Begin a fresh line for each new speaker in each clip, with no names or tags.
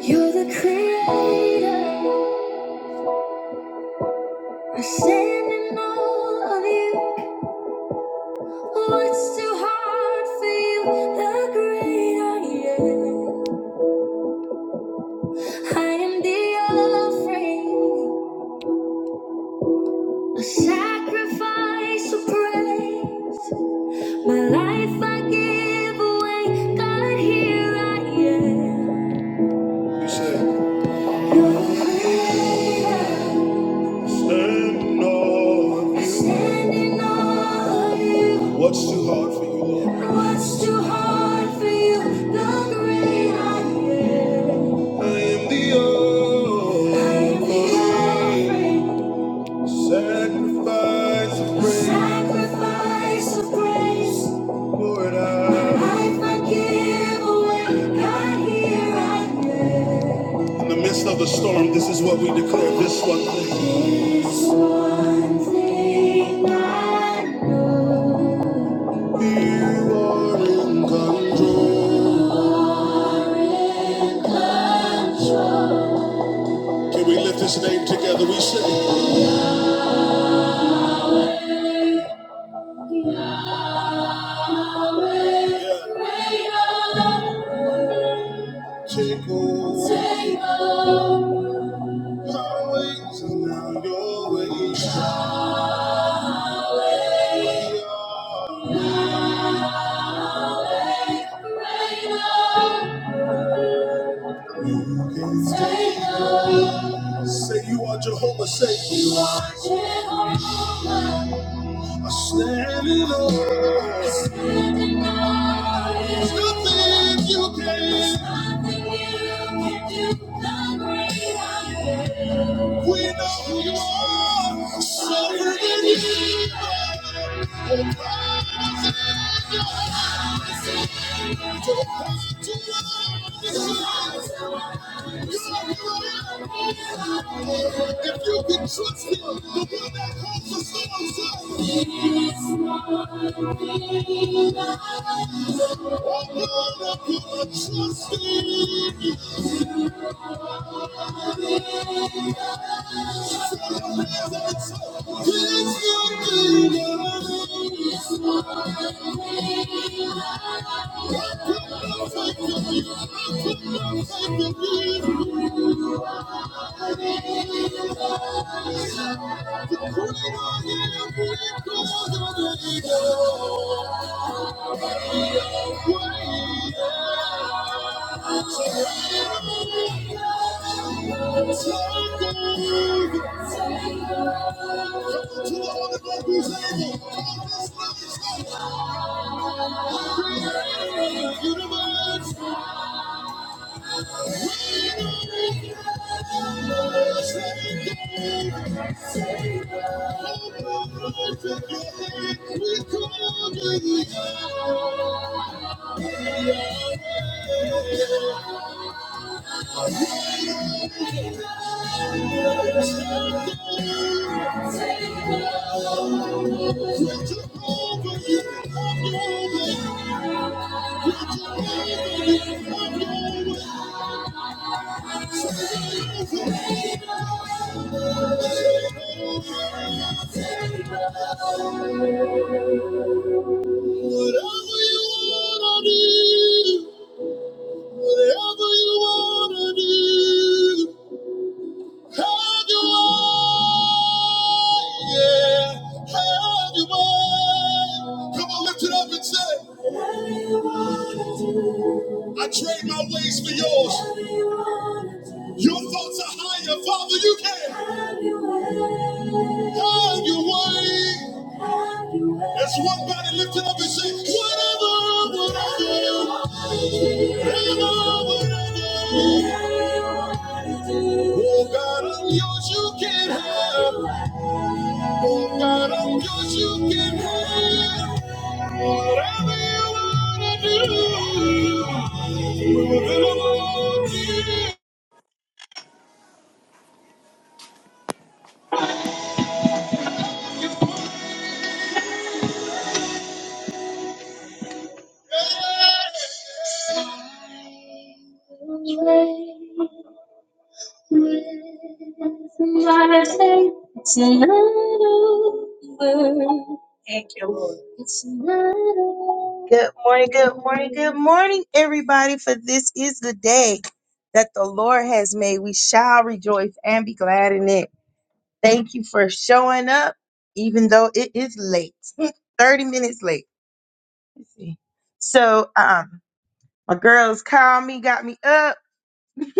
You're the creator, I stand in all of you. What's too hard for you? The greater I am. I am the offering, a sacrifice of praise. My life I give away. God, here I am. You're the creator. Stand in you. What's too hard for you, Lord? What's too hard for you? The great I am. I am the old. I am the old. Sacrifice of praise. Sacrifice of praise. Pour it out. I forgive away. God, here I am. In the midst of the storm, this is what we declare. This one thing. This one thing I know. You are in control. You are in control. Can we lift his name together? We sing. Take over. Take over. My ways is now your ways. Yahweh. Yahweh. Take over. Say you are Jehovah, say you are Jehovah. I stand in awe. I stand in awe. There's nothing you can. There's nothing you can do. The great I am. We know who you are. So forgive you. If you can trust him, the one that holds the storms up. It's not enough. Oh, God, I put my trust in you. What we have, it's all we need. This could be the answer. We don't need you. We don't need you. What we have, it's all we need. We don't need you. Universe, Thank you. Whatever you wanna do, whatever you wanna do. Have your way, yeah. Have your way. Come on, lift it up and say. Have your way. I trade my ways for yours. Your thoughts are higher, Father. You can have your way. As one body lifted up and say, Whatever, whatever, whatever, whatever. Oh God, I'm yours. You can have. Bocaram que eu chuquei Whatever you wanna do Whatever you wanna do It's not over. Thank you, Lord. It's not over. Good morning, good morning, good morning, everybody. For this is the day that the Lord has made. We shall rejoice and be glad in it. Thank you for showing up, even though it is late. 30 minutes late. Let's see. So, um, my girls called me, got me up.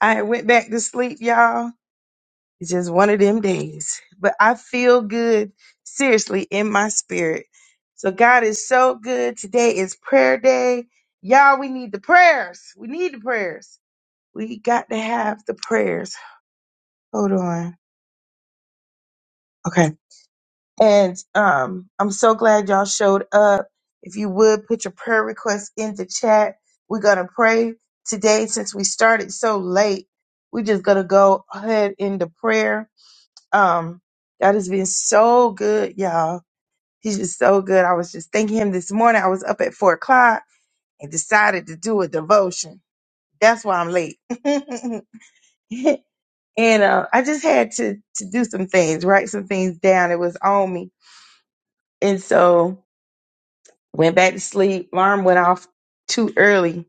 I went back to sleep, y'all it's just one of them days. But I feel good, seriously, in my spirit. So God is so good. Today is prayer day. Y'all, we need the prayers. We need the prayers. We got to have the prayers. Hold on. Okay. And um, I'm so glad y'all showed up. If you would put your prayer request in the chat, we're gonna pray today since we started so late. We're just gonna go ahead into prayer Um, God has been so good, y'all. He's just so good. I was just thanking him this morning. I was up at four o'clock and decided to do a devotion. That's why I'm late. and uh, I just had to to do some things, write some things down. It was on me, and so went back to sleep. Alarm went off too early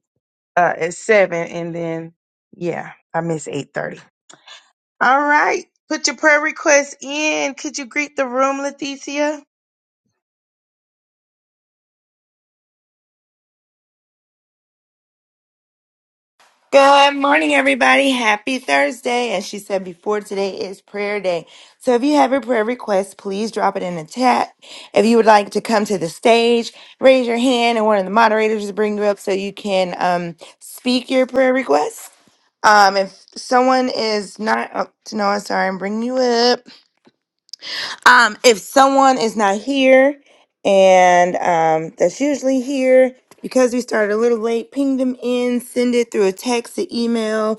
uh, at seven, and then yeah, I missed eight thirty. All right. Put your prayer request in. Could you greet the room, Leticia?
Good morning, everybody. Happy Thursday. As she said before, today is prayer day. So if you have a prayer request, please drop it in the chat. If you would like to come to the stage, raise your hand and one of the moderators will bring you up so you can um, speak your prayer request. Um, if someone is not up to know, sorry, I'm bringing you up. Um, if someone is not here and um, that's usually here, because we started a little late, ping them in, send it through a text, an email,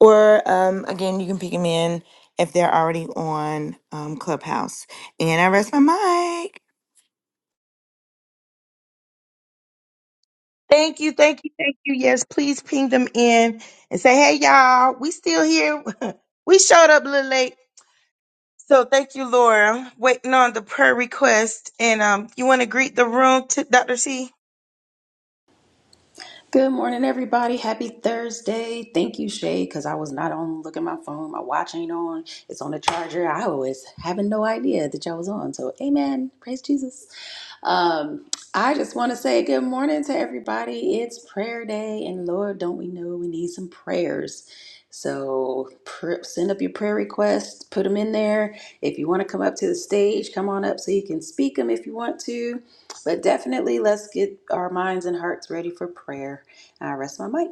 or um, again, you can pick them in if they're already on um, Clubhouse. And I rest my mic.
Thank you, thank you, thank you. Yes, please ping them in and say, hey, y'all, we still here. we showed up a little late. So thank you, Laura. Waiting on the prayer request. And um, you want to greet the room, to Dr. C?
Good morning, everybody. Happy Thursday. Thank you, Shay, because I was not on looking at my phone. My watch ain't on. It's on the charger. I was having no idea that y'all was on. So, amen. Praise Jesus. Um, I just want to say good morning to everybody. It's prayer day, and Lord, don't we know we need some prayers? So pr- send up your prayer requests, put them in there. If you want to come up to the stage, come on up so you can speak them if you want to. But definitely, let's get our minds and hearts ready for prayer. I rest my mic.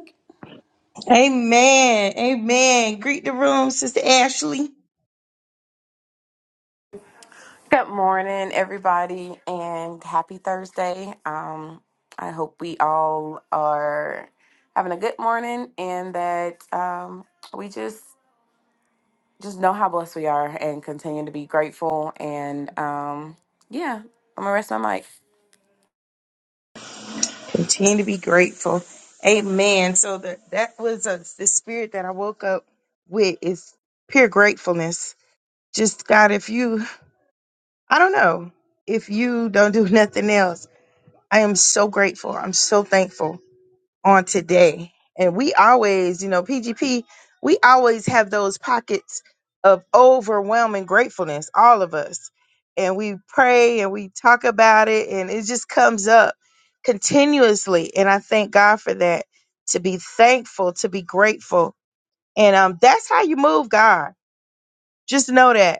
Amen. Amen. Greet the room, Sister Ashley.
Good morning, everybody, and happy Thursday. Um, I hope we all are having a good morning, and that um, we just just know how blessed we are, and continue to be grateful. And um, yeah, I'm gonna rest my mic.
Continue to be grateful. Amen. So the, that was uh the spirit that I woke up with is pure gratefulness. Just God, if you, I don't know, if you don't do nothing else, I am so grateful. I'm so thankful on today. And we always, you know, PGP, we always have those pockets of overwhelming gratefulness, all of us. And we pray and we talk about it, and it just comes up continuously. And I thank God for that to be thankful, to be grateful. And um, that's how you move God. Just know that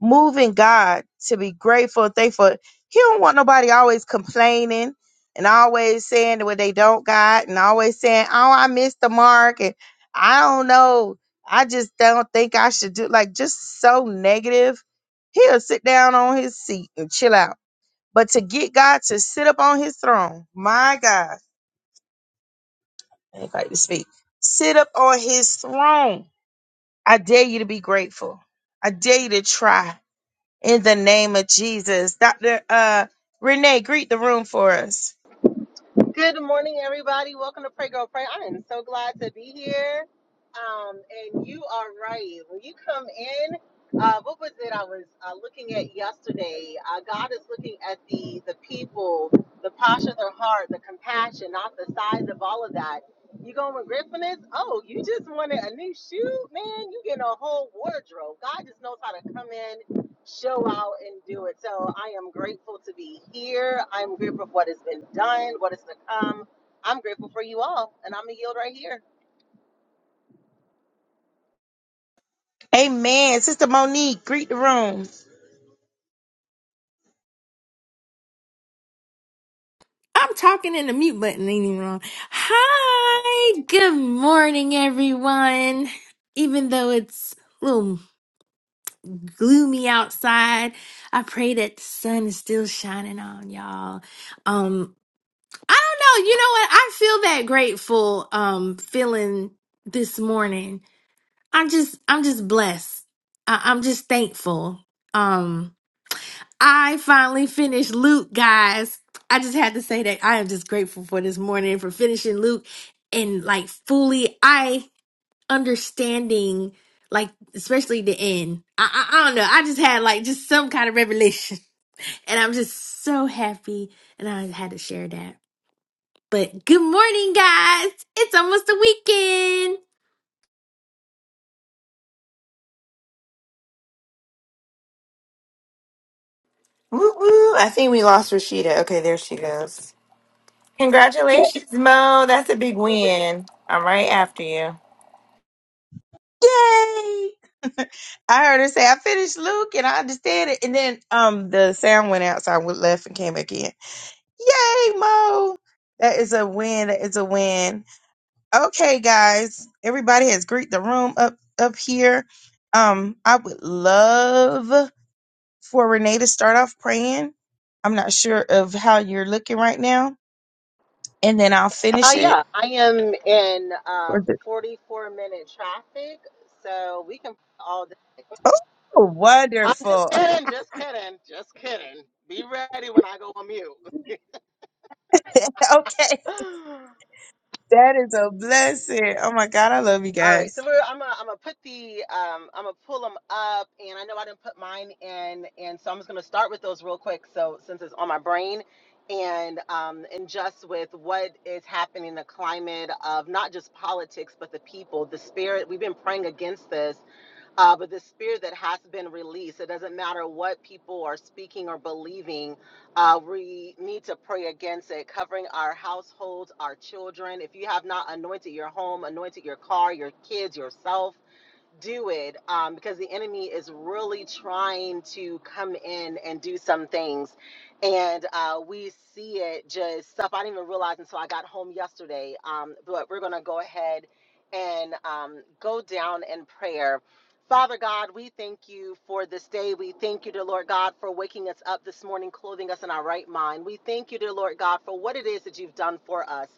moving God to be grateful and thankful. He don't want nobody always complaining and always saying what they don't got and always saying, Oh, I missed the mark and I don't know. I just don't think I should do like just so negative. He'll sit down on his seat and chill out. But to get God to sit up on his throne, my God, I anybody to speak, sit up on his throne. I dare you to be grateful. I dare you to try. in the name of Jesus. Dr. Uh, Renee, greet the room for us.
Good morning, everybody. Welcome to Pray Girl Pray. I am so glad to be here. Um, and you are right. When you come in, uh, what was it I was uh, looking at yesterday? Uh, God is looking at the the people, the posture of their heart, the compassion, not the size of all of that. You going with Griffiness? Oh, you just wanted a new shoe, man. You getting a whole wardrobe. God just knows how to come in show out and do it. So I am grateful to be here. I'm grateful for what has been done, what is to come. I'm grateful for you all, and I'm gonna yield right here.
Amen. Sister Monique, greet the room.
I'm talking and the mute button ain't even on. Hi, good morning, everyone. Even though it's a little gloomy outside, I pray that the sun is still shining on y'all. Um, I don't know. You know what? I feel that grateful um feeling this morning. I'm just I'm just blessed. I- I'm just thankful. Um. I finally finished Luke, guys. I just had to say that I am just grateful for this morning for finishing Luke and like fully I understanding like especially the end. I, I I don't know. I just had like just some kind of revelation. And I'm just so happy and I had to share that. But good morning guys. It's almost the weekend.
Woo woo! I think we lost Rashida. Okay, there she goes. Congratulations, Mo. That's a big win. I'm right after you.
Yay! I heard her say, I finished Luke and I understand it. And then um the sound went out, so I went left and came back in. Yay, Mo! That is a win. That is a win. Okay, guys. Everybody has greet the room up up here. Um, I would love for Renee to start off praying. I'm not sure of how you're looking right now, and then I'll
Uh,
finish it.
yeah, I am in uh,
Or the-
44 minute traffic, so we can all day.
Oh,
I'm just
wonderful.
kidding, just kidding, just kidding. Be ready when I go on
Okay.
mute.
That is a blessing. Oh my God, I love you
All right, so
guys.
we're, I'm gonna I'm gonna put the um I'm gonna pull them up, and I know I didn't put mine in, and so I'm just gonna start with those real quick. So since it's on my brain, and um and just with what is happening, the climate of not just politics but the people, the spirit. We've been praying against this uh, but the spirit that has been released. It doesn't matter what people are speaking or believing. Uh, we need to pray against it, covering our households, our children. If you have not anointed your home, anointed your car, your kids, yourself, do it um, because the enemy is really trying to come in and do some things. And uh, we see it just stuff I didn't even realize until I got home yesterday. Um, but we're going to go ahead and um, go down in prayer. Father God, we thank you for this day. We thank you, dear Lord God, for waking us up this morning, clothing us in our right mind. We thank you, dear Lord God, for what it is that you've done for us.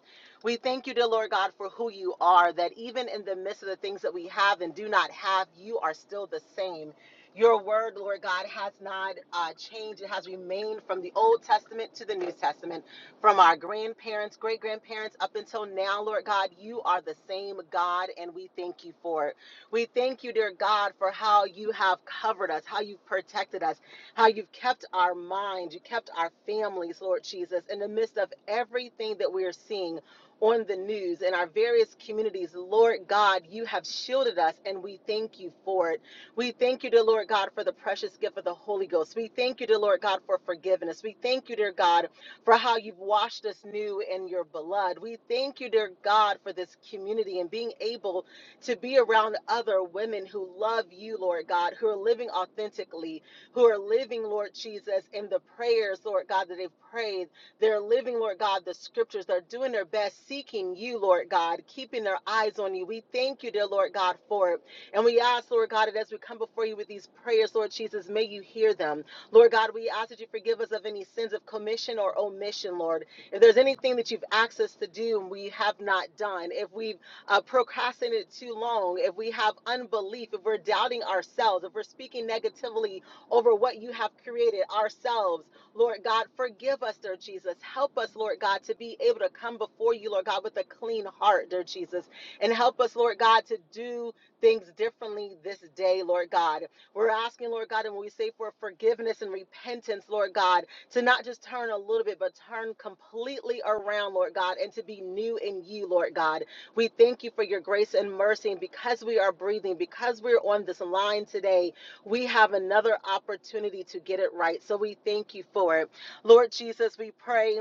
We thank you, dear Lord God, for who you are, that even in the midst of the things that we have and do not have, you are still the same. Your word, Lord God, has not uh, changed. It has remained from the Old Testament to the New Testament, from our grandparents, great grandparents, up until now, Lord God, you are the same God, and we thank you for it. We thank you, dear God, for how you have covered us, how you've protected us, how you've kept our minds, you kept our families, Lord Jesus, in the midst of everything that we are seeing on the news in our various communities. Lord God, you have shielded us and we thank you for it. We thank you, dear Lord God, for the precious gift of the Holy Ghost. We thank you, dear Lord God, for forgiveness. We thank you, dear God, for how you've washed us new in your blood. We thank you, dear God, for this community and being able to be around other women who love you, Lord God, who are living authentically, who are living, Lord Jesus, in the prayers, Lord God, that they've prayed they're living, Lord God, the scriptures. They're doing their best, seeking you, Lord God, keeping their eyes on you. We thank you, dear Lord God, for it. And we ask, Lord God, that as we come before you with these prayers, Lord Jesus, may you hear them. Lord God, we ask that you forgive us of any sins of commission or omission, Lord. If there's anything that you've asked us to do and we have not done, if we've uh, procrastinated too long, if we have unbelief, if we're doubting ourselves, if we're speaking negatively over what you have created ourselves, Lord God, forgive us, dear Jesus. Help us, Lord God, to be able to come before you, Lord God, with a clean heart, dear Jesus. And help us, Lord God, to do things differently this day, Lord God. We're asking, Lord God, and when we say for forgiveness and repentance, Lord God, to not just turn a little bit, but turn completely around, Lord God, and to be new in you, Lord God. We thank you for your grace and mercy. And because we are breathing, because we're on this line today, we have another opportunity to get it right. So we thank you for it. Lord Jesus, we pray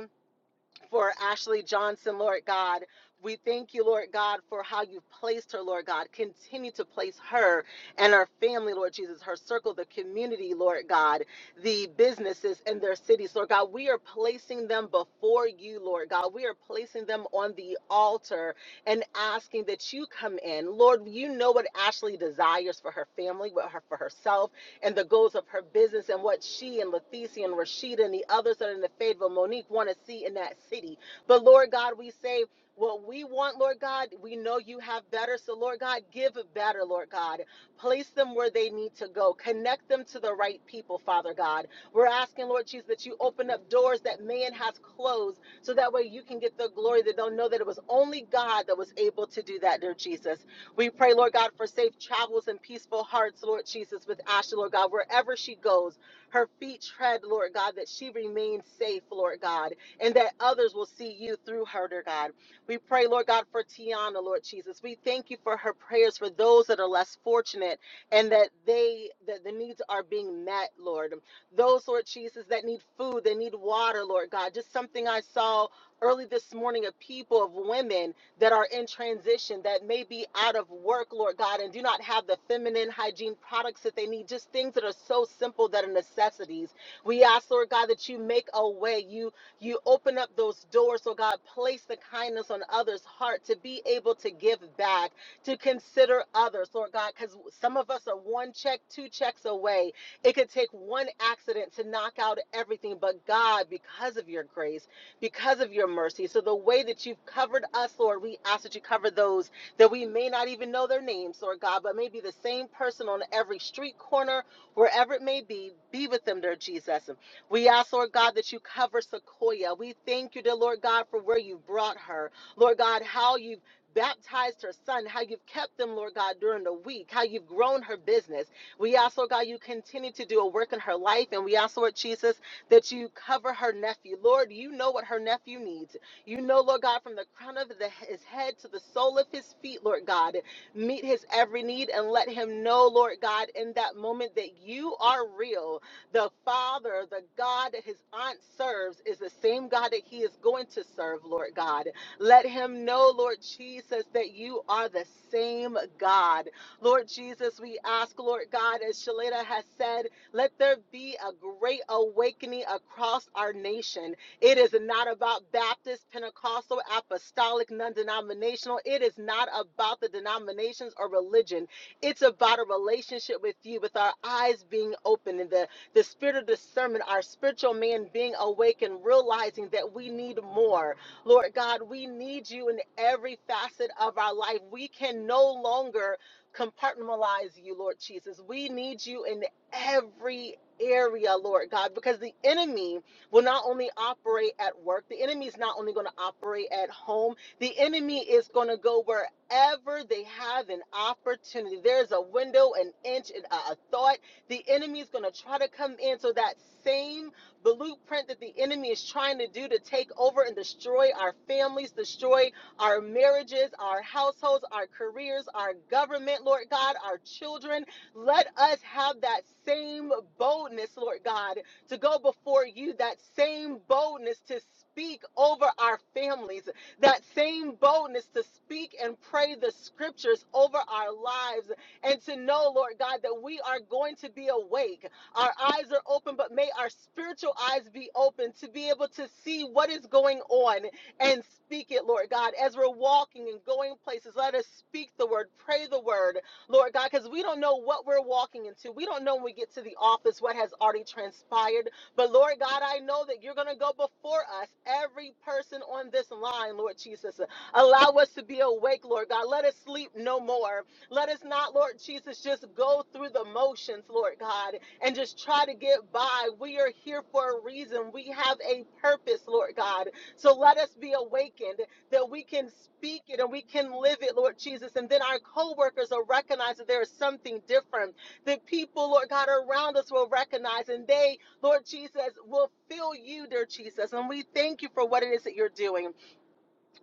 for Ashley Johnson, Lord God. We thank you, Lord God, for how you've placed her, Lord God. Continue to place her and her family, Lord Jesus, her circle, the community, Lord God, the businesses and their cities, Lord God. We are placing them before you, Lord God. We are placing them on the altar and asking that you come in. Lord, you know what Ashley desires for her family, what her for herself and the goals of her business and what she and Leticia and Rashida and the others that are in the Fayetteville, Monique, want to see in that city. But Lord God, we say what we want, Lord God, we know you have better. So, Lord God, give better, Lord God. Place them where they need to go. Connect them to the right people, Father God. We're asking, Lord Jesus, that you open up doors that man has closed so that way you can get the glory that they'll know that it was only God that was able to do that, dear Jesus. We pray, Lord God, for safe travels and peaceful hearts, Lord Jesus, with Ashley, Lord God, wherever she goes, her feet tread, Lord God, that she remains safe, Lord God, and that others will see you through her, dear God. We pray, Lord God, for Tiana, Lord Jesus. We thank you for her prayers for those that are less fortunate and that they that the needs are being met, Lord. Those, Lord Jesus, that need food, they need water, Lord God. Just something I saw early this morning of people, of women that are in transition, that may be out of work, Lord God, and do not have the feminine hygiene products that they need, just things that are so simple that are necessities. We ask, Lord God, that you make a way. You you open up those doors, Lord God, place the kindness on others' heart to be able to give back, to consider others, Lord God, because some of us are one check, two checks away. It could take one accident to knock out everything, but God, because of your grace because of your mercy. So the way that you've covered us, Lord, we ask that you cover those that we may not even know their names, Lord God, but may be the same person on every street corner, wherever it may be. Be with them, dear Jesus. We ask, Lord God, that you cover Sequoia. We thank you, dear Lord God, for where you've brought her. Lord God, how you've baptized her son, how you've kept them, Lord God, during the week, how you've grown her business. We ask, Lord God, you continue to do a work in her life. And we ask, Lord Jesus, that you cover her nephew. Lord, you know what her nephew needs. You know, Lord God, from the crown of the, his head to the sole of his feet, Lord God, meet his every need and let him know, Lord God, in that moment that you are real. The Father, the God that his aunt serves, is the same God that he is going to serve, Lord God. Let him know, Lord Jesus, that you are the same God. Lord Jesus, we ask, Lord God, as Shalita has said, let there be a great awakening across our nation. It is not about Baptist, Pentecostal, Apostolic, non denominational. It is not about the denominations or religion. It's about a relationship with you, with our eyes being open and the, the spirit of discernment, our spiritual man being awakened, realizing that we need more. Lord God, we need you in every facet of our life. We can no longer compartmentalize you, Lord Jesus. We need you in every area, Lord God, because the enemy will not only operate at work, the enemy is not only going to operate at home, the enemy is going to go wherever they have an opportunity. There's a window, an inch, and a a thought. The enemy is going to try to come in. So that same blueprint that the enemy is trying to do to take over and destroy our families, destroy our marriages, our households, our careers, our government, Lord God, our children. Let us have that same boldness, Lord God, to go before you, that same boldness to speak over our families, that same boldness to speak and pray the scriptures over our lives, and to know, Lord God, that we are going to be awake. Our eyes are open, but may our spiritual eyes be open to be able to see what is going on and speak it, Lord God. As we're walking and going places, let us speak the word, pray the word, Lord God, because we don't know what we're walking into. We don't know when we get to the office what has already transpired. But Lord God, I know that you're going to go before us, every person on this line, Lord Jesus. Allow us to be awake, Lord God. Let us sleep no more. Let us not, Lord Jesus, just go through the motions, Lord God, and just try to get by. We are here for a reason. We have a purpose, Lord God. So let us be awakened that we can speak it and we can live it, Lord Jesus. And then our coworkers will recognize that there is something different. That people, Lord God, around us will recognize and they, Lord Jesus, will feel you, dear Jesus. And we thank you for what it is that you're doing.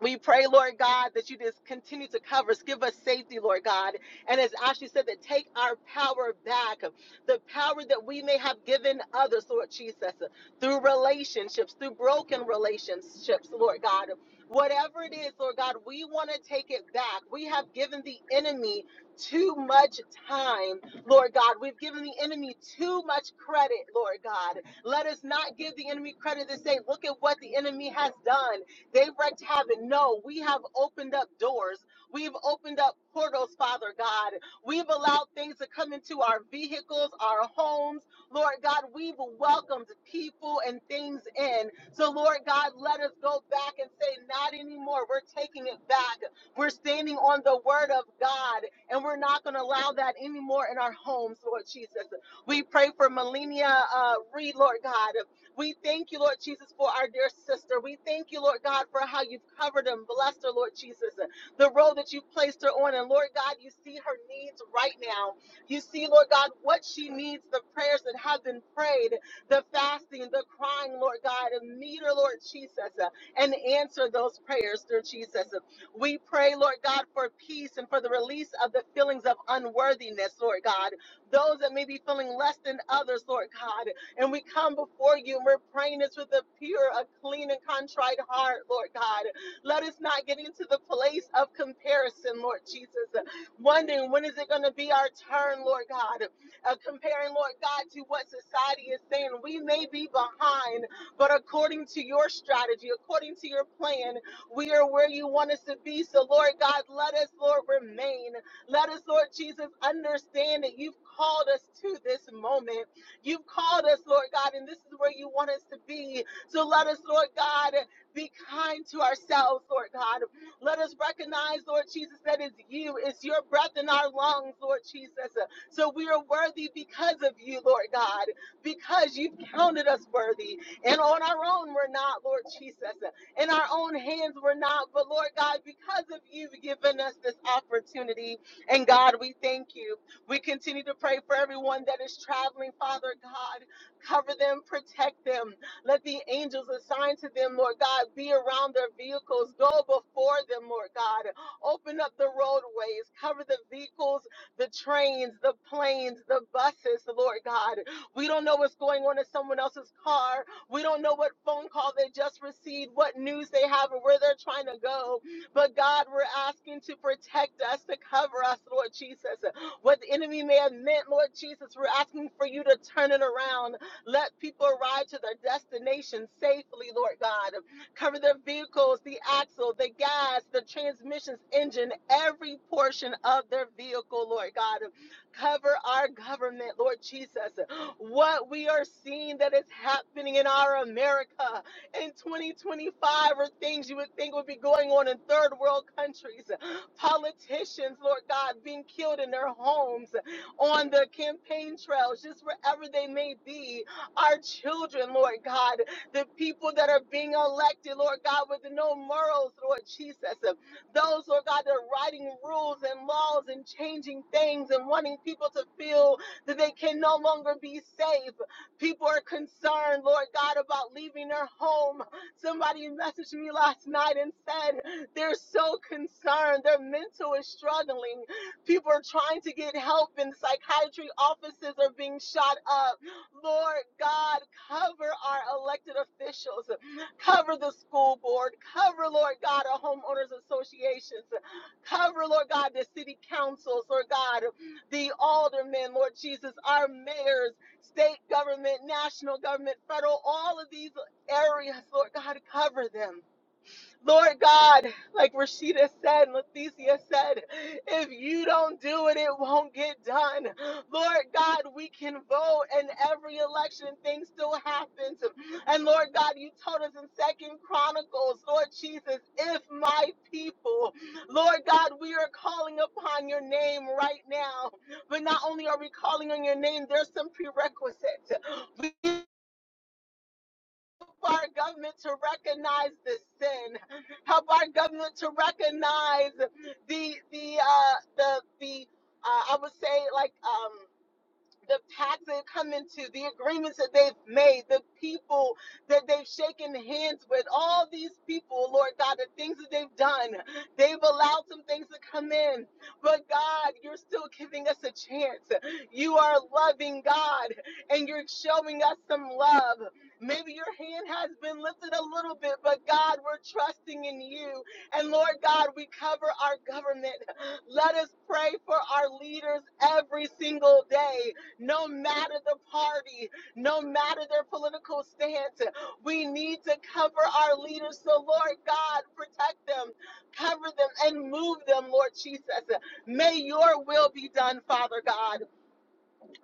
We pray, Lord God, that you just continue to cover us. Give us safety, Lord God. And as Ashley said, that take our power back, the power that we may have given others, Lord Jesus, through relationships, through broken relationships, Lord God. Whatever it is, Lord God, we want to take it back. We have given the enemy too much time, Lord God. We've given the enemy too much credit, Lord God. Let us not give the enemy credit to say, look at what the enemy has done. They wrecked heaven. No, we have opened up doors. We've opened up portals, Father God. We've allowed things to come into our vehicles, our homes. Lord God, we've welcomed people and things in. So, Lord God, let us go back and say, not anymore. We're taking it back. We're standing on the word of God, and we're not going to allow that anymore in our homes, Lord Jesus. We pray for Melania uh, Reed, Lord God. We thank you, Lord Jesus, for our dear sister. We thank you, Lord God, for how you've covered her and blessed her, Lord Jesus, the road that you've placed her on. And Lord God, you see her needs right now. You see, Lord God, what she needs, the prayers that have been prayed, the fasting, the crying, Lord God, and meet her, Lord Jesus, and answer those prayers, dear Jesus. We pray, Lord God, for peace and for the release of the feelings of unworthiness, Lord God. Those that may be feeling less than others, Lord God. And we come before you and we're praying this with a pure, a clean, and contrite heart, Lord God. Let us not get into the place of comparison, Lord Jesus. Wondering when is it going to be our turn, Lord God. Uh, comparing, Lord God, to what society is saying. We may be behind, but according to your strategy, according to your plan, we are where you want us to be. So, Lord God, let us, Lord, remain. Let us, Lord Jesus, understand that you've called us to this moment. You've called us, Lord God, and this is where you want us to be. So let us, Lord God, be kind to ourselves, Lord God. Let us recognize, Lord Jesus, that it's you, it's your breath in our lungs, Lord Jesus. So we are worthy because of you, Lord God, because you've counted us worthy. And on our own, we're not, Lord Jesus. In our own hands, we're not. But Lord God, because of you, you've given us this opportunity. And God, we thank you. We continue to pray for everyone that is traveling, Father God. Cover them, protect them. Let the angels assigned to them, Lord God, be around their vehicles. Go before them, Lord God. Open up the roadways, cover the vehicles, the trains, the planes, the buses, Lord God. We don't know what's going on in someone else's car. We don't know what phone call they just received, what news they have, or where they're trying to go. But God, we're asking to protect us, to cover us, Lord Jesus. What the enemy may have meant, Lord Jesus, we're asking for you to turn it around. Let people arrive to their destination safely, Lord God. Cover their vehicles, the axle, the gas, the transmissions, engine, every portion of their vehicle, Lord God. Cover our government, Lord Jesus. What we are seeing that is happening in our America in 2025 are things you would think would be going on in third world countries politicians, Lord God, being killed in their homes, on the campaign trails, just wherever they may be. Our children, Lord God, the people that are being elected, Lord God, with no morals, Lord Jesus. Those, Lord God, that are writing rules and laws and changing things and wanting people to feel that they can no longer be safe. People are concerned, Lord God, about leaving their home. Somebody messaged me last night and said, they're so concerned. Their mental is struggling. People are trying to get help, and psychiatry offices are being shot up. Lord God, cover our elected officials, cover the school board, cover, Lord God, our homeowners associations, cover, Lord God, the city councils, Lord God, the aldermen, Lord Jesus, our mayors, state government, national government, federal, all of these areas, Lord God, cover them. Lord God, like Rashida said and Leticia said, if you don't do it, it won't get done. Lord God, we can vote in every election and things still happens. And Lord God, you told us in Second Chronicles, Lord Jesus, if my people, Lord God, we are calling upon your name right now. But not only are we calling on your name, there's some prerequisites. We Help our government to recognize the sin. Help our government to recognize the the uh, the the uh, I would say like um, the pacts they've come into, the agreements that they've made, the people that they've shaken hands with, all these people, Lord God, the things that they've done, they've allowed some things to come in. But God, you're still giving us a chance. You are loving God, and you're showing us some love. Maybe your hand has been lifted a little bit, but God, we're trusting in you. And Lord God, we cover our government. Let us pray for our leaders every single day no matter the party, no matter their political stance. We need to cover our leaders. So, Lord God, protect them, cover them, and move them, Lord Jesus. May your will be done, Father God.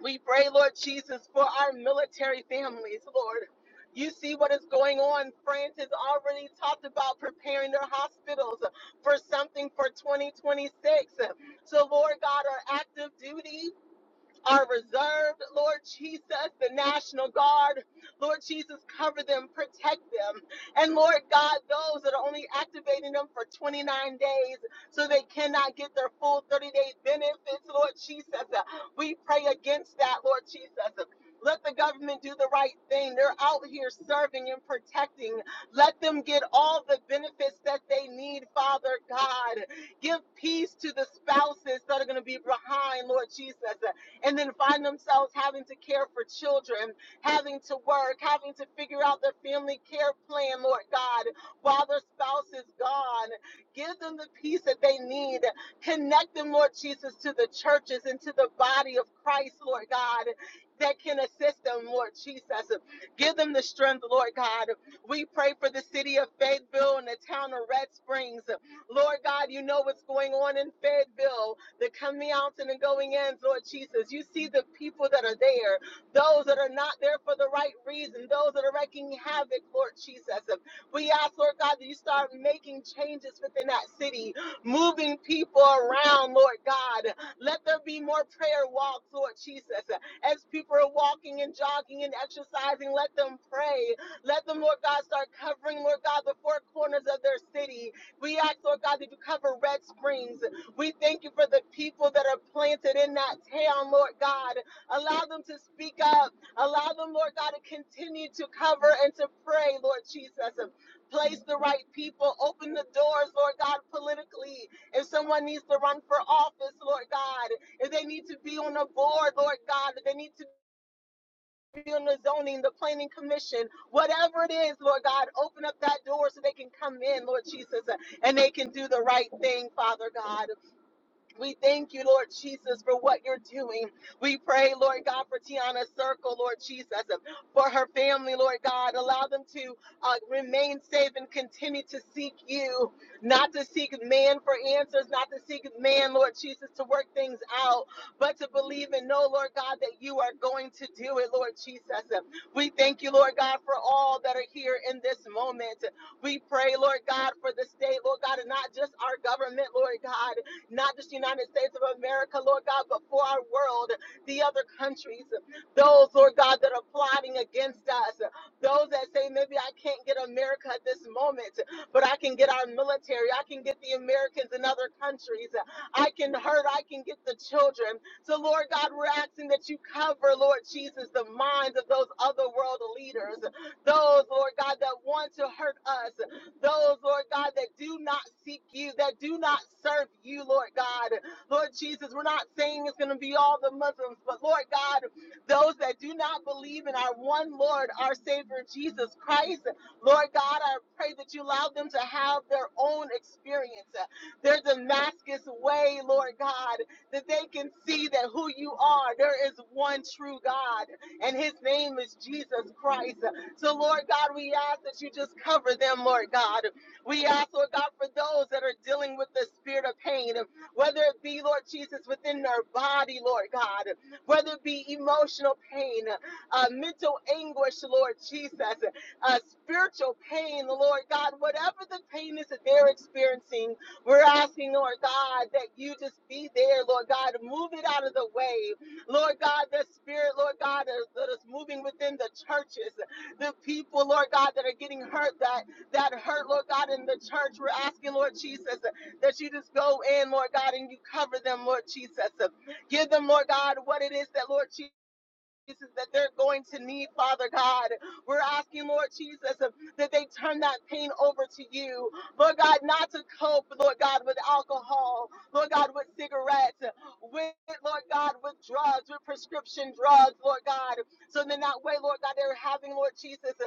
We pray, Lord Jesus, for our military families, Lord. You see what is going on. France has already talked about preparing their hospitals for something for 2026. So, Lord God, our active duty are reserved, Lord Jesus, the National Guard, Lord Jesus, cover them, protect them. And Lord God, those that are only activating them for 29 days so they cannot get their full 30 day benefits, Lord Jesus, uh, we pray against that, Lord Jesus. Let the government do the right thing. They're out here serving and protecting. Let them get all the benefits that they need, Father God. Give peace to the spouses that are going to be behind, Lord Jesus and then find themselves having to care for children, having to work, having to figure out their family care plan, Lord God, while their spouse is gone. Give them the peace that they need. Connect them, Lord Jesus, to the churches and to the body of Christ, Lord God, that can assist them, Lord Jesus. Give them the strength, Lord God. We pray for the city of Fayetteville and the town of Red Springs. Lord God, you know what's going on in Fayetteville the coming out and the going in, Lord Jesus. You see the people that are there, those that are not there for the right reason, those that are wreaking havoc, Lord Jesus. We ask, Lord God, that you start making changes within that city, moving people around, Lord God. Let there be more prayer walks, Lord Jesus. As people are walking and jogging and exercising, let them pray. Let them, Lord God, start covering, Lord God, the four corners of their city. We ask, Lord God, that you cover Red Springs. We thank you for the people that are planted in that town, Lord God. Allow them to speak up. Allow them, Lord God, to continue to cover and to pray, Lord Jesus. Place the right people. Open the doors, Lord God, politically. If someone needs to run for office, Lord God, if they need to be on a board, Lord God, if they need to be on the zoning, the planning commission, whatever it is, Lord God, open up that door so they can come in, Lord Jesus, and they can do the right thing, Father God. We thank you, Lord Jesus, for what you're doing. We pray, Lord God, for Tiana's circle, Lord Jesus, and for her family, Lord God. Allow them to uh, remain safe and continue to seek you, not to seek man for answers, not to seek man, Lord Jesus, to work things out, but to believe and know, Lord God, that you are going to do it, Lord Jesus. And We thank you, Lord God, for all that are here in this moment. We pray, Lord God, for the state, Lord God, and not just our government, Lord God not just the United States of America, Lord God, but for our world, the other countries, those, Lord God, that are plotting against us, those that say, maybe I can't get America at this moment, but I can get our military, I can get the Americans in other countries, I can hurt, I can get the children. So, Lord God, we're asking that you cover, Lord Jesus, the minds of those other world leaders, those, Lord God, that want to hurt us, those, Lord God, that do not seek you, that do not serve you, Lord God. Lord Jesus, we're not saying it's going to be all the Muslims, but Lord God, those that do not believe in our one Lord, our Savior Jesus Christ, Lord God, I pray that you allow them to have their own experience, uh, their Damascus way, Lord God, that they can see that who you are, there is one true God, and his name is Jesus Christ. So, Lord God, we ask that you just cover them, Lord God. We ask, Lord God, for those that are dealing with the spirit of pain, whether it be, Lord Jesus, within their body, Lord God, whether it be emotional pain, uh, mental anguish, Lord Jesus, uh, spiritual pain, Lord God, whatever the pain is that they're experiencing, we're asking, Lord God, that you just be there, Lord God, move it out of the way. Lord God, the spirit, Lord God, that is moving within the churches the people, Lord God, that are getting hurt, that that hurt, Lord God, in the church. We're asking, Lord Jesus, that you just go in, Lord God, and you cover them, Lord Jesus. Give them, Lord God, what it is that, Lord Jesus. That they're going to need, Father God. We're asking, Lord Jesus, that they turn that pain over to you. Lord God, not to cope, Lord God, with alcohol, Lord God, with cigarettes, with, Lord God, with drugs, with prescription drugs, Lord God, so then that way, Lord God, they're having, Lord Jesus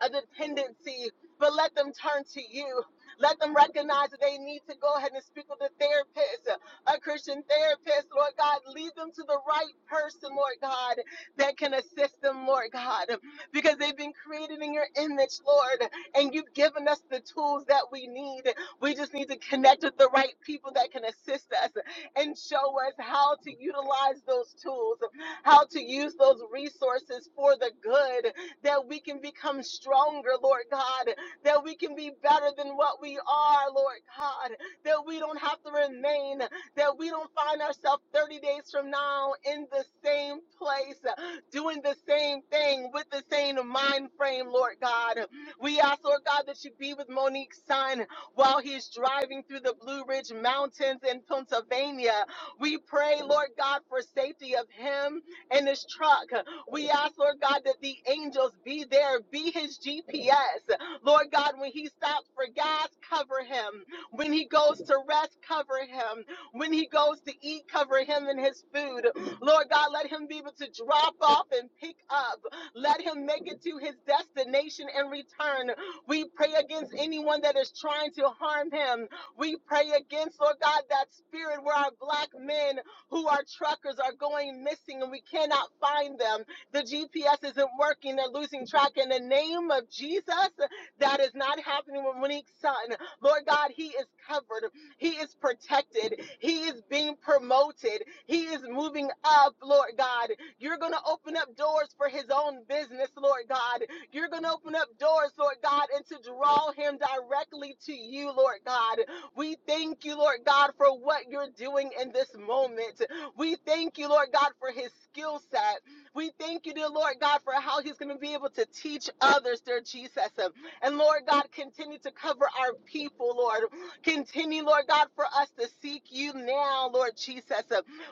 a dependency, but let them turn to you. Let them recognize that they need to go ahead and speak with a therapist, a Christian therapist, Lord God. Lead them to the right person, Lord God, that can assist them, Lord God, because they've been created in your image, Lord, and you've given us the tools that we need. We just need to connect with the right people that can assist us and show us how to utilize those tools, how to use those resources for the good that we can become stronger, Lord God, that we can be better than what we are, Lord God, that we don't have to remain, that we don't find ourselves 30 days from now in the same place, doing the same thing with the same mind frame, Lord God. We ask, Lord God, that you be with Monique's son while he's driving through the Blue Ridge Mountains in Pennsylvania. We pray, Lord God, for safety of him and his truck. We ask, Lord God, that the angels be there, be his GPS. Lord God, when he stops for gas, cover him. When he goes to rest, cover him. When he goes to eat, cover him and his food. Lord God, let him be able to drop off and pick up. Let him make it to his destination and return. We pray against anyone that is trying to harm him. We pray against, Lord God, that spirit where our black men who are truckers are going missing and we cannot find them. The GPS isn't working. They're losing track. In the name of Jesus, that is not happening with Monique's son. Lord God, he is covered. He is protected. He is being promoted. He is moving up, Lord God. You're going to open up doors for his own business, Lord God. You're going to open up doors, Lord God, and to draw him directly to you, Lord God. We thank you, Lord God, for what you're doing in this moment. We thank you, Lord God, for his skill set. We thank you, dear Lord God, for how he's going to be able to teach others, dear Jesus. And Lord God, continue to cover our people, Lord. Continue, Lord God, for us to seek you now, Lord Jesus.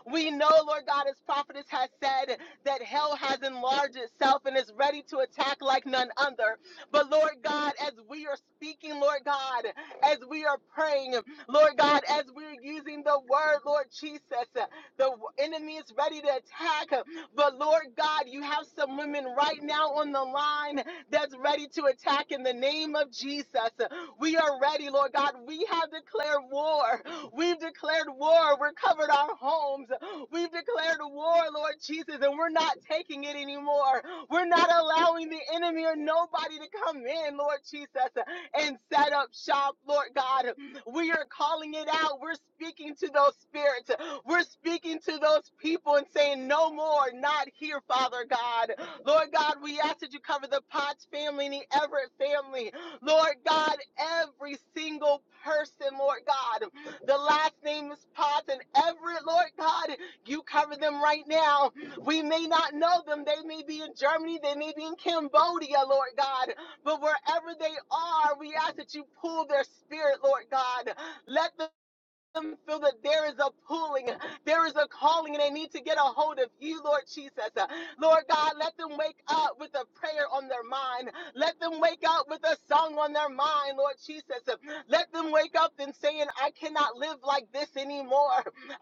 We know, Lord God, as prophetess has said, that hell has enlarged itself and is ready to attack like none other. But Lord God, as we are speaking, Lord God, as we are praying, Lord God, as we're using the word, Lord Jesus, the enemy is ready to attack. But Lord God, you have some women right now on the line that's ready to attack in the name of Jesus. We are ready, Lord God. We have declared war. We've declared war. We're covered our homes. We've declared war, Lord Jesus, and we're not taking it anymore. We're not allowing the enemy or nobody to come in, Lord Jesus, and set up shop, Lord God. We are calling it out. We're speaking to those spirits. We're speaking to those people and saying, No more, not here, Father God. Lord God, we ask that you cover the Potts family and the Everett family. Lord God, every single person, Lord God. The last name is Potts and Everett, Lord God, you cover them right now. We may not know them. They may be in Germany. They may be in Cambodia, Lord God. But wherever they are, we ask that you pull their spirit, Lord God. Let them them feel that there is a pulling, there is a calling, and they need to get a hold of you, Lord Jesus. Lord God, let them wake up with a prayer on their mind. Let them wake up with a song on their mind, Lord Jesus. Let them wake up and saying, I cannot live like this anymore.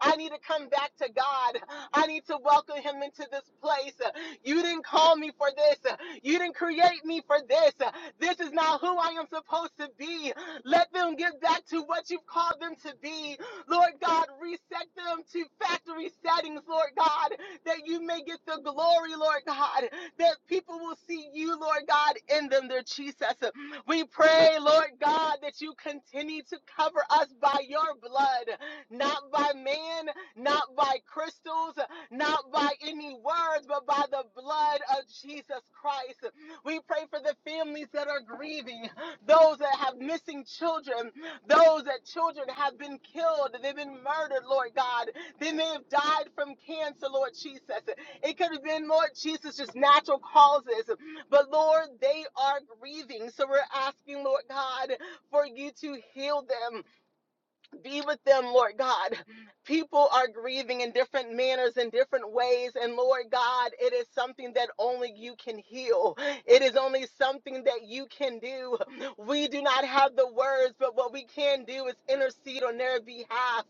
I need to come back to God. I need to welcome Him into this place. You didn't call me for this. You didn't create me for this. This is not who I am supposed to be. Let them get back to what you've called them to be. Lord God, reset them to factory settings, Lord God, that you may get the glory, Lord God, that people will see you, Lord God, in them, their Jesus. We pray, Lord God, that you continue to cover us by your blood, not by man, not by crystals, not by any words, but by the blood of Jesus Christ. We pray for the families that are grieving, those that have missing children, those that children have been killed, they've been murdered, Lord God. They may have died from cancer, Lord Jesus. It could have been, Lord Jesus, just natural causes. But Lord, they are grieving. So we're asking, Lord God, for you to heal them. Be with them, Lord God. People are grieving in different manners, in different ways. And Lord God, it is something that only you can heal. It is only something that you can do. We do not have the words, but what we can do is intercede on their behalf.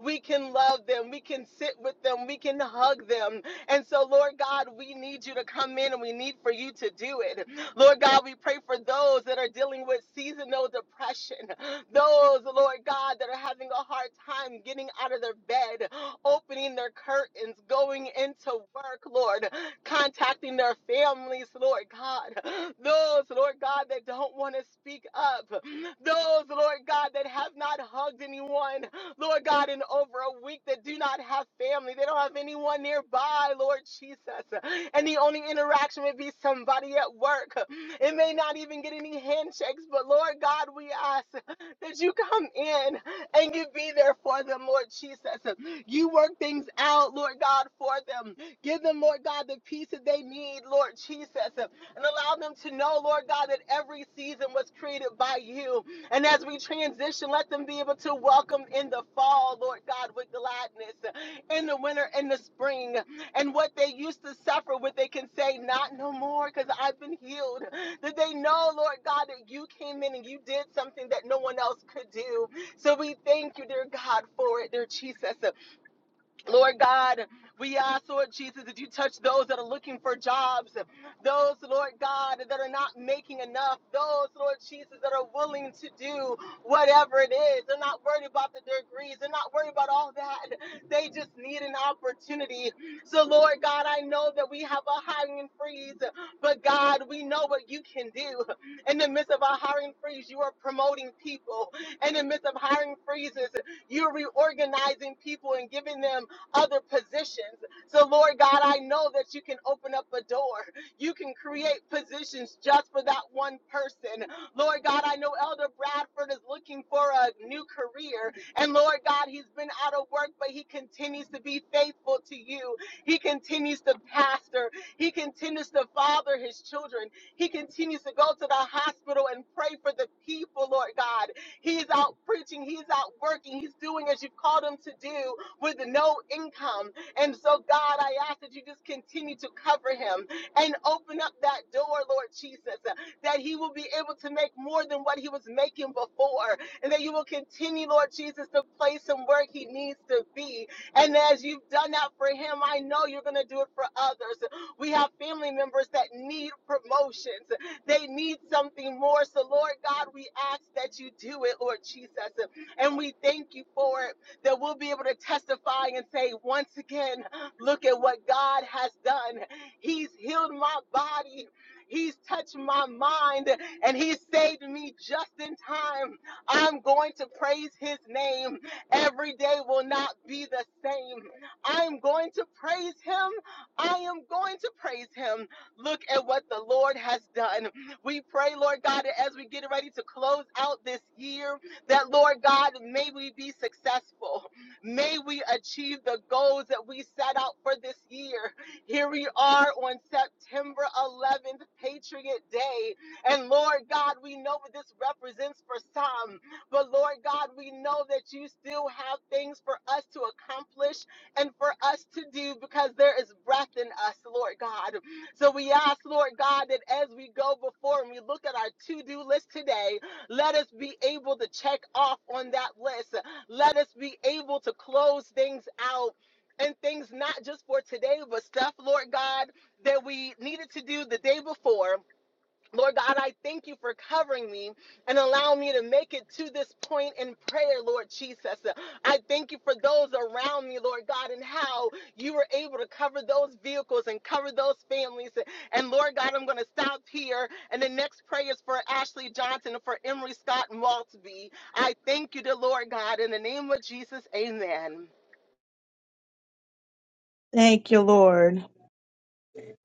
We can love them. We can sit with them. We can hug them. And so, Lord God, we need you to come in and we need for you to do it. Lord God, we pray for those that are dealing with seasonal depression, those, Lord God, that are having a hard time getting out of their bed, opening their curtains, going into work, Lord, contacting their families, Lord God, those, Lord God, that don't want to want to speak up. Those, Lord God, that have not hugged anyone, Lord God, in over a week, that do not have family, they don't have anyone nearby, Lord Jesus. And the only interaction would be somebody at work. It may not even get any handshakes, but Lord God, we ask that you come in and you be there for them, Lord Jesus. You work things out, Lord God, for them. Give them, Lord God, the peace that they need, Lord Jesus and allow them to know, Lord God, that every season was created by you. And as we transition, let them be able to welcome in the fall, Lord God, with gladness, in the winter and the spring. And what they used to suffer with, they can say, Not no more, because I've been healed. That they know, Lord God, that you came in and you did something that no one else could do. So we thank you, dear God, for it, dear Jesus. Lord God, we ask, Lord Jesus, that you touch those that are looking for jobs, those, Lord God, that are not making enough, those, Lord Jesus, that are willing to do whatever it is. They're not worried about the degrees, they're not worried about all that. They just need an opportunity. So, Lord God, I know that we have a hiring freeze, but God, we know what you can do. In the midst of our hiring freeze, you are promoting people. In the midst of hiring freezes, you're reorganizing people and giving them other positions. So, Lord God, I know that you can open up a door. You can create positions just for that one person. Lord God, I know Elder Bradford is looking for a new career. And Lord God, he's been out of work, but he continues to be faithful to you. He continues to pastor. He continues to father his children. He continues to go to the hospital and pray for the people, Lord God. He is out preaching. He is out working. He's doing as you've called him to do with no income. And so, God, I ask that you just continue to cover him and open up that door, Lord Jesus, uh, that he will be able to make more than what he was making before, and that you will continue, Lord Jesus, to place him where he needs to be. And as you've done that for him, I know you're going to do it for others. We have family members that need promotions, they need something more. So, Lord God, we ask that you do it, Lord Jesus, and we thank you for it that we'll be able to testify and say, once again, look at what God has done. He's healed my body. He's touched my mind and he saved me just in time. I'm going to praise his name. Every day will not be the same. I am going to praise him. I am going to praise him. Look at what the Lord has done. We pray, Lord God, that as we get ready to close out this year. That, Lord God, may we be successful. May we achieve the goals that we set out for this year. Here we are on September 11th, Patriot Day. And Lord God, we know what this represents for some. But Lord God, we know that you still have things for us to accomplish and for us to do because there is breath in us, Lord God. So we ask, Lord God, that as we go before and we look at our to do list today, let us be able to check off on that list. Let us be able to close things out and things not just for today, but stuff, Lord God, that we needed to do the day before Lord God, I thank you for covering me and allowing me to make it to this point in prayer, Lord Jesus. I thank you for those around me, Lord God, and how you were able to cover those vehicles and cover those families. And Lord God, I'm going to stop here. And the next prayer is for Ashley Johnson and for Emery Scott Maltby. I thank you, the Lord God, in the name of Jesus. Amen.
Thank you, Lord.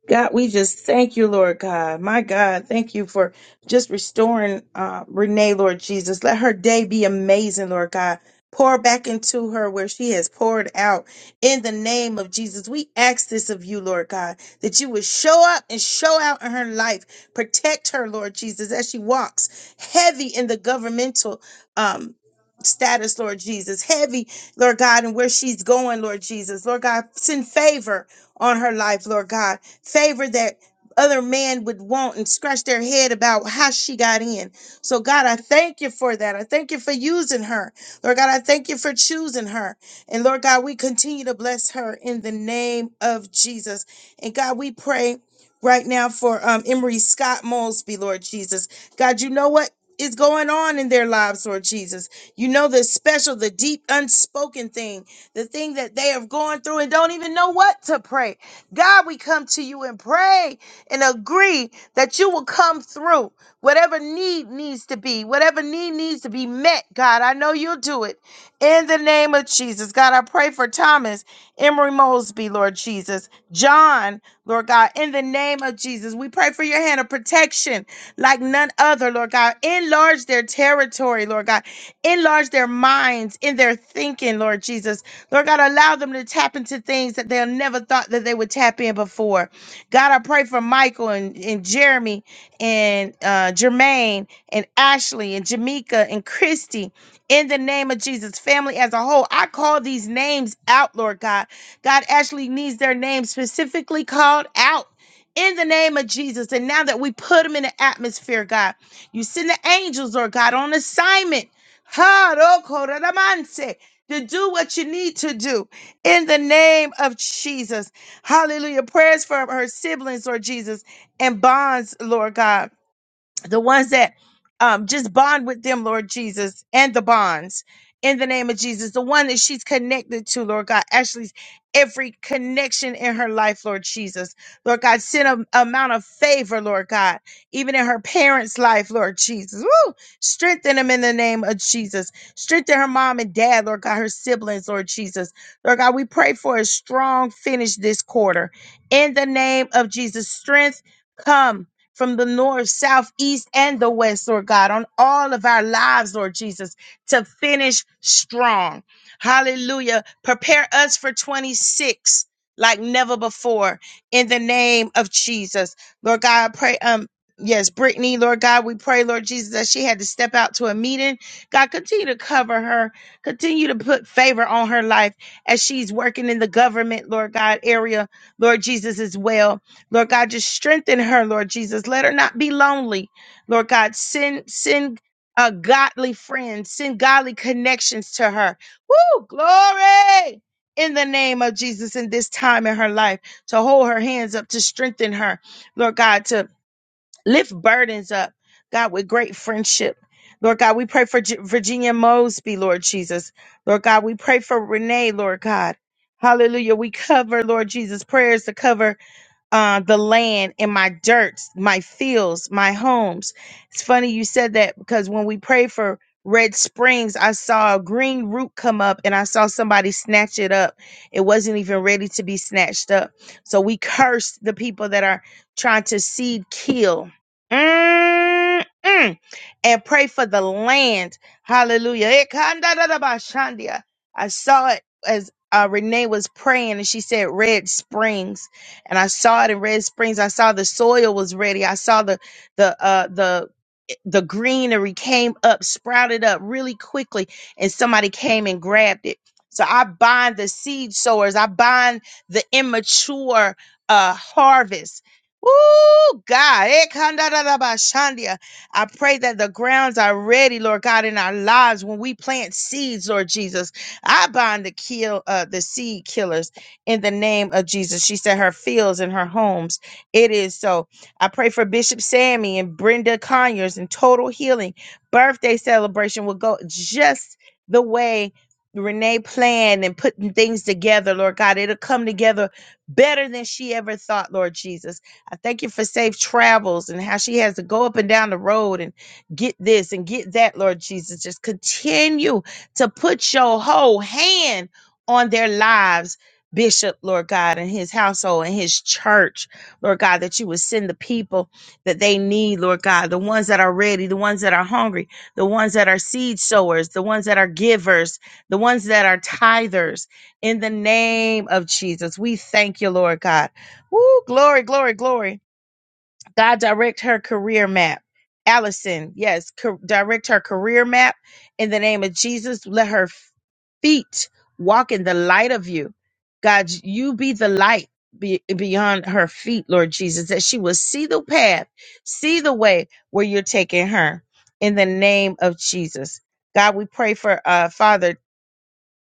God, we just thank you, Lord God. My God, thank you for just restoring uh, Renee, Lord Jesus. Let her day be amazing, Lord God. Pour back into her where she has poured out in the name of Jesus. We ask this of you, Lord God, that you would show up and show out in her life. Protect her, Lord Jesus, as she walks heavy in the governmental um, status, Lord Jesus. Heavy, Lord God, and where she's going, Lord Jesus. Lord God, send favor on her life, Lord God. Favor that other man would want and scratch their head about how she got in. So, God, I thank you for that. I thank you for using her. Lord God, I thank you for choosing her. And Lord God, we continue to bless her in the name of Jesus. And God, we pray right now for um, Emery Scott Mosby, Lord Jesus. God, you know what is going on in their lives, Lord Jesus. You know the special, the deep, unspoken thing the thing that they are going through and don't even know what to pray. God, we come to you and pray and agree that you will come through whatever need needs to be, whatever need needs to be met. God, I know you'll do it in the name of Jesus. God, I pray for Thomas, Emory Mosby, Lord Jesus, John, Lord God, in the name of Jesus. We pray for your hand of protection like none other, Lord God. Enlarge their territory, Lord God. Enlarge their minds in their thinking, Lord Jesus. Lord God, allow them to tap into things that they'll never thought that they would tap in before. God, I pray for Michael and, and Jeremy and uh, Jermaine and Ashley and Jamaica and Christy in the name of Jesus. Family as a whole, I call these names out, Lord God. God Ashley needs their name specifically called out in the name of Jesus. And now that we put them in the atmosphere, God, you send the angels, Lord God, on assignment ha, ro, ko, ra, da, man, se, to do what you need to do in the name of Jesus. Hallelujah. Prayers for her siblings, Lord Jesus, and bonds, Lord God the ones that um, just bond with them, Lord Jesus, and the bonds in the name of Jesus. The one that she's connected to, Lord God, actually every connection in her life, Lord Jesus. Lord God, send a amount of favor, Lord God, even in her parents' life, Lord Jesus. Woo! Strengthen them in the name of Jesus. Strengthen her mom and dad, Lord God, her siblings, Lord Jesus. Lord God, we pray for a strong finish this quarter in the name of Jesus. Strength come from the north, south, east, and the west, Lord God, on all of our lives, Lord Jesus, to finish strong. Hallelujah. Prepare us for 26 like never before in the name of Jesus. Lord God, I pray, um, Yes, Brittany, Lord God, we pray, Lord Jesus, that she had to step out to a meeting. God, continue to cover her, continue to put favor on her life as she's working in the government, Lord God, area, Lord Jesus, as well. Lord God, just strengthen her, Lord Jesus. Let her not be lonely. Lord God, send send a godly friend, send godly connections to her. Woo! Glory! In the name of Jesus, in this time in her life, to hold her hands up, to strengthen her, Lord God, to lift burdens up, God, with great friendship. Lord God, we pray for Gi- Virginia Mosby, Lord Jesus. Lord God, we pray for Renee, Lord God. Hallelujah. We cover, Lord Jesus, prayers to cover uh, the land and my dirts, my fields, my homes. It's funny you said that because when we prayed for Red Springs, I saw a green root come up and I saw somebody snatch it up. It wasn't even ready to be snatched up. So we cursed the people that are trying to seed kill. Mm-mm. And pray for the land. Hallelujah. Ekandadadabashandia. I saw it as uh, Renee was praying and she said, Red Springs and I saw it in Red Springs. I saw the soil was ready. I saw the the uh the the greenery came up, sprouted up really quickly, and somebody came and grabbed it. So I bind the seed sowers. I bind the immature uh harvest. Woo, God. Eh, kanda da da ba shandia. I pray that the grounds are ready, Lord God, in our lives when we plant seeds, Lord Jesus. I bind the kill uh the seed killers in the name of Jesus. She said her fields and her homes. It is so. I pray for Bishop Sammy and Brenda Conyers and total healing. Birthday celebration will go just the way Renee planned and putting things together, Lord God. It'll come together better than she ever thought, Lord Jesus. I thank you for safe travels and how she has to go up and down the road and get this and get that, Lord Jesus. Just continue to put your whole hand on their lives Bishop, Lord God, and his household and his church, Lord God, that you would send the people that they need, Lord God, the ones that are ready, the ones that are hungry, the ones that are seed sowers, the ones that are givers, the ones that are tithers. In the name of Jesus, we thank you, Lord God. Woo, glory, glory, glory. God direct her career map. Allison, yes, co- direct her career map in the name of Jesus. Let her feet walk in the light of you. God, you be the light be- beyond her feet, Lord Jesus, that she will see the path, see the way where you're taking her in the name of Jesus. God, we pray for uh, Father.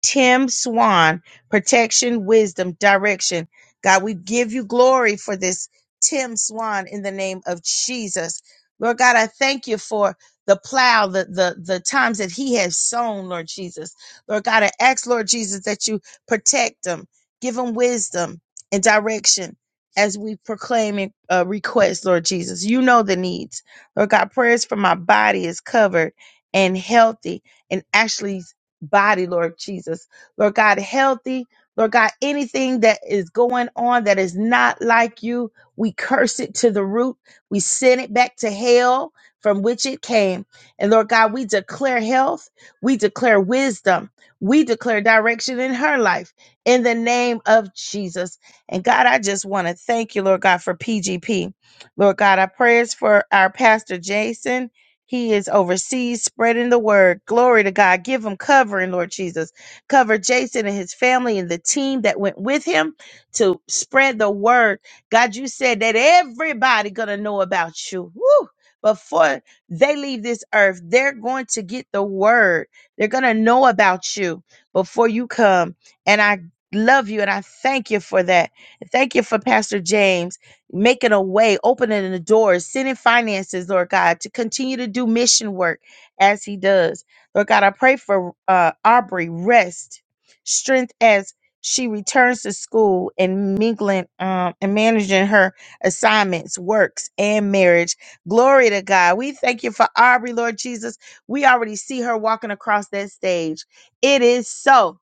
Tim Swan, protection, wisdom, direction. God, we give you glory for this Tim Swan in the name of Jesus. Lord God, I thank you for the plow, the, the, the times that he has sown, Lord Jesus. Lord God, I ask, Lord Jesus, that you protect him, give him wisdom and direction as we proclaim and uh, request, Lord Jesus. You know the needs. Lord God, prayers for my body is covered and healthy and actually body, Lord Jesus. Lord God, healthy. Lord God, anything that is going on that is not like you, we curse it to the root. We send it back to hell from which it came. And Lord God, we declare health. We declare wisdom. We declare direction in her life in the name of Jesus. And God, I just want to thank you, Lord God, for PGP. Lord God, our prayers for our pastor Jason. He is overseas spreading the word. Glory to God. Give him covering, Lord Jesus. Cover Jason and his family and the team that went with him to spread the word. God, you said that everybody gonna know about you. Woo! Before they leave this earth, they're going to get the word. They're gonna know about you before you come. And I love you and I thank you for that. Thank you for Pastor James making a way, opening the doors, sending finances, Lord God, to continue to do mission work as He does. Lord God, I pray for uh, Aubrey rest, strength as she returns to school and mingling um, and managing her assignments, works, and marriage. Glory to God. We thank you for Aubrey, Lord Jesus. We already see her walking across that stage. It is so.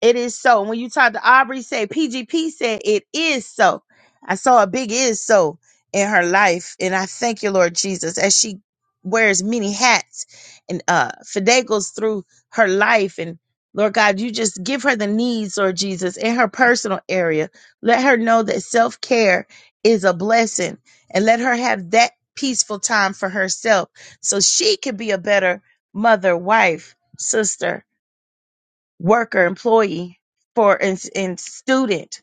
It is so. when you talk to Aubrey, say PGP said it is so. I saw a big is so in her life, and I thank you, Lord Jesus, as she wears many hats and uh fidegles through her life and Lord God, you just give her the needs, Lord Jesus, in her personal area. Let her know that self care is a blessing and let her have that peaceful time for herself so she can be a better mother, wife, sister, worker, employee, for and, and student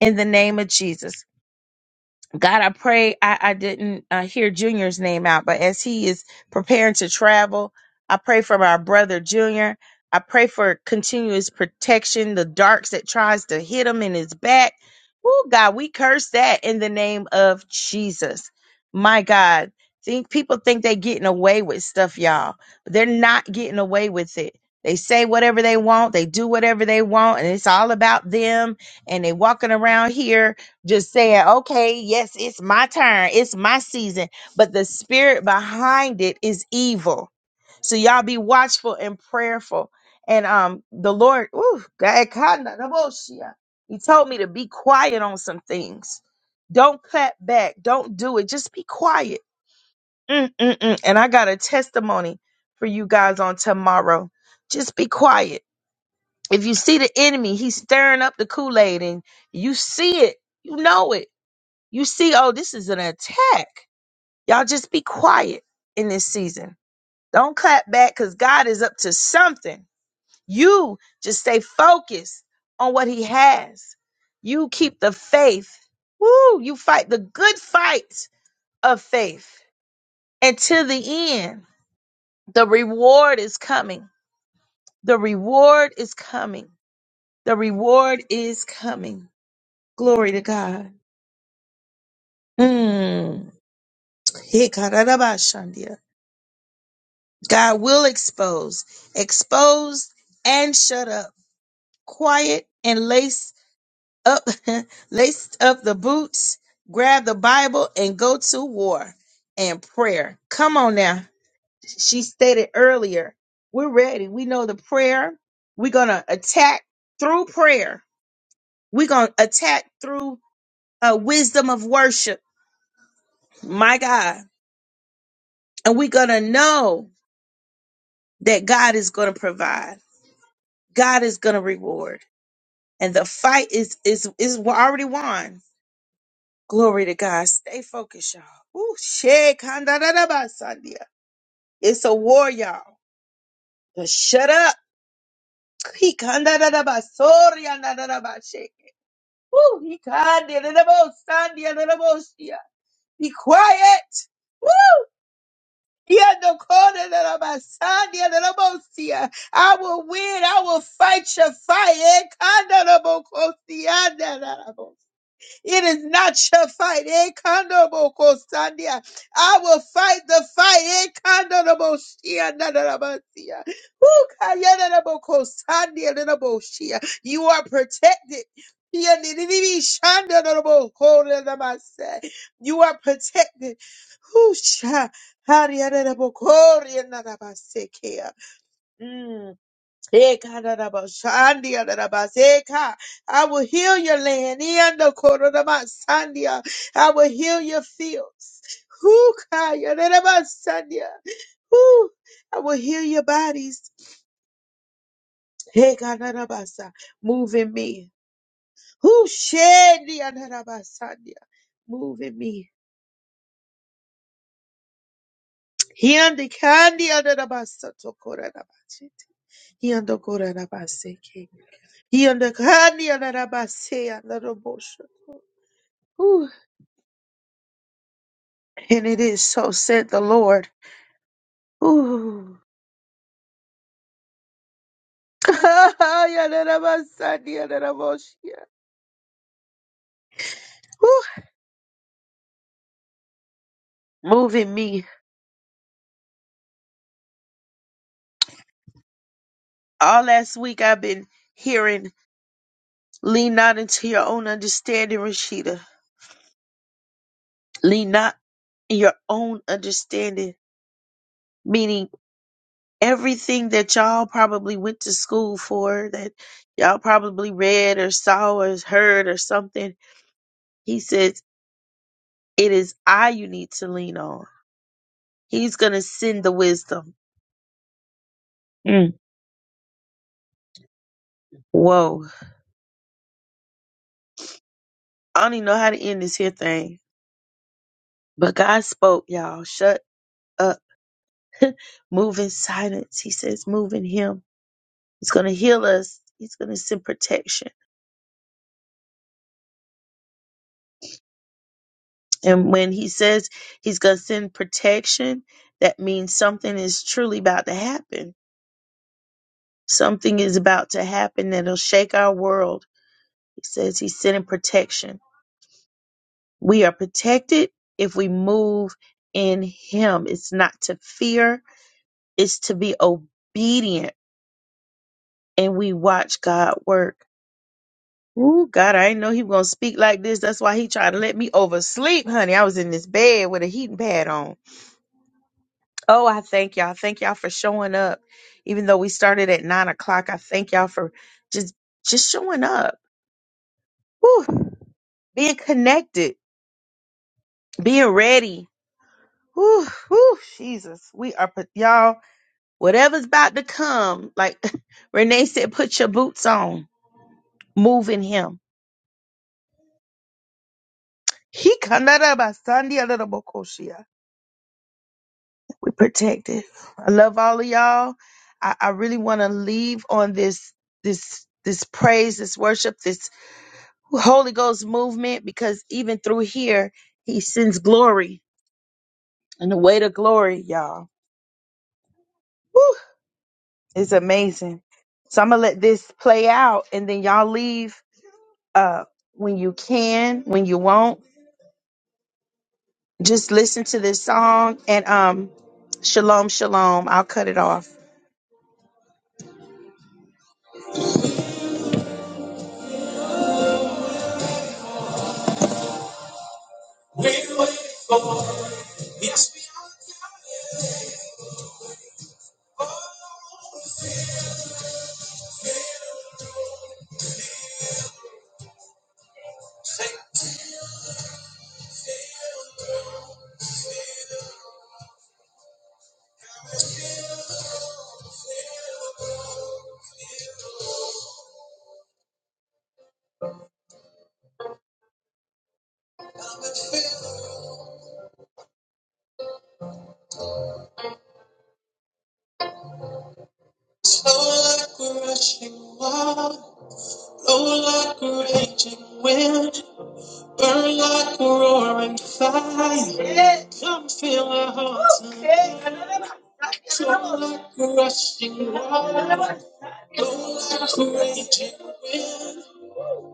in the name of Jesus. God, I pray I, I didn't uh, hear Junior's name out, but as he is preparing to travel, I pray for our brother Junior. I pray for continuous protection, the darks that tries to hit him in his back. Oh God, we curse that in the name of Jesus. My God, think people think they getting away with stuff, y'all. they're not getting away with it. They say whatever they want, they do whatever they want, and it's all about them. And they walking around here just saying, okay, yes, it's my turn, it's my season, but the spirit behind it is evil. So y'all be watchful and prayerful. And um, the Lord, ooh, God, kinda, the most, yeah. He told me to be quiet on some things. Don't clap back. Don't do it. Just be quiet. Mm-mm-mm. And I got a testimony for you guys on tomorrow. Just be quiet. If you see the enemy, he's stirring up the Kool Aid, and you see it, you know it you see, oh, this is an attack. Y'all just be quiet in this season. Don't clap back because God is up to something. You just stay focused on what He has. You keep the faith. Woo! You fight the good fight of faith until the end. The reward is coming. The reward is coming. The reward is coming. Glory to God. Mm. God will expose, expose and shut up. Quiet and lace up, lace up the boots, grab the Bible and go to war and prayer. Come on now. She stated earlier, we're ready. We know the prayer. We're going to attack through prayer. We're going to attack through a wisdom of worship. My God. And we're going to know that God is going to provide. God is going to reward. and the fight is is is already won. Glory to God. Stay focused, y'all. Ooh, shit, kandadadabasandia. It's a war, y'all. But shut up. He kandadadabasoriandadadabashake. Ooh, he kandadadabosandiadadaboshia. Be quiet. Woo! Yandokondadadabasandiadadabosia. I will win. I will fight your fight. Eh, kandadabokosiandadadabosia. It is not your fight. Eh, kandobo sandia. I will fight the fight. Eh, kandobo shia, nadarabasia. Woo, kayanadaboko sandia, nadaboshia. You are protected. Yanidididi, shandanadaboko, nadabasa. You are protected. Woo, sha, hariyanadaboko, riyanadabasakea. Mm. Ekarabashandiarabaseka. I will heal your land. Iandokororabasandia. I will heal your fields. Hukayararabasandia. Whew. I will heal your bodies. Ekarabasa. Move in me. Who shed Move in me. Hiandikandiarabasatokorabashete. Hiandokorabaseke. Hiandakandiarabase. Ooh, and it is so, said the Lord. Ooh. Ooh, Moving me. All last week I've been hearing, lean not into your own understanding, Rashida. Lean not in your own understanding, meaning everything that y'all probably went to school for, that y'all probably read or saw or heard or something. He says, It is I you need to lean on. He's going to send the wisdom. Mm. Whoa. I don't even know how to end this here thing. But God spoke, y'all. Shut up. Move in silence. He says, move in Him. He's going to heal us. He's going to send protection. And when He says He's going to send protection, that means something is truly about to happen. Something is about to happen that'll shake our world. He says He's sending protection. We are protected if we move in Him. It's not to fear, it's to be obedient and we watch God work. Ooh, God, I didn't know he was gonna speak like this. That's why he tried to let me oversleep, honey. I was in this bed with a heating pad on. Oh, I thank y'all. Thank y'all for showing up. Even though we started at nine o'clock, I thank y'all for just just showing up. Whew. Being connected, being ready. Whew, whew, Jesus. We are put y'all, whatever's about to come, like Renee said, put your boots on. Move in him. He kandaraba sandia we protected. I love all of y'all. I, I really want to leave on this this this praise, this worship, this Holy Ghost movement because even through here, He sends glory and the weight of glory, y'all. Woo, it's amazing. So I'm gonna let this play out, and then y'all leave uh, when you can, when you won't. Just listen to this song and um, shalom, shalom. I'll cut it off. Flow like we're rushing Oh, like a raging wind, burn like a roaring fire. Yeah. Come fill our hearts. Okay. tonight. Flow like a rushing water, blow like a raging wind,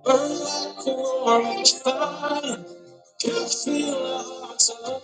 burn like a roaring fire. Come fill our hearts. tonight.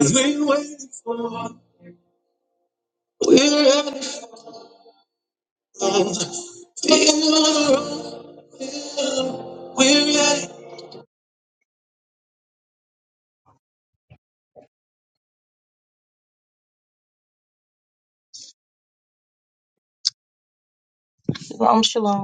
We're waiting for, we're ready for. Feel the road, We're ready. Shalom, shalom.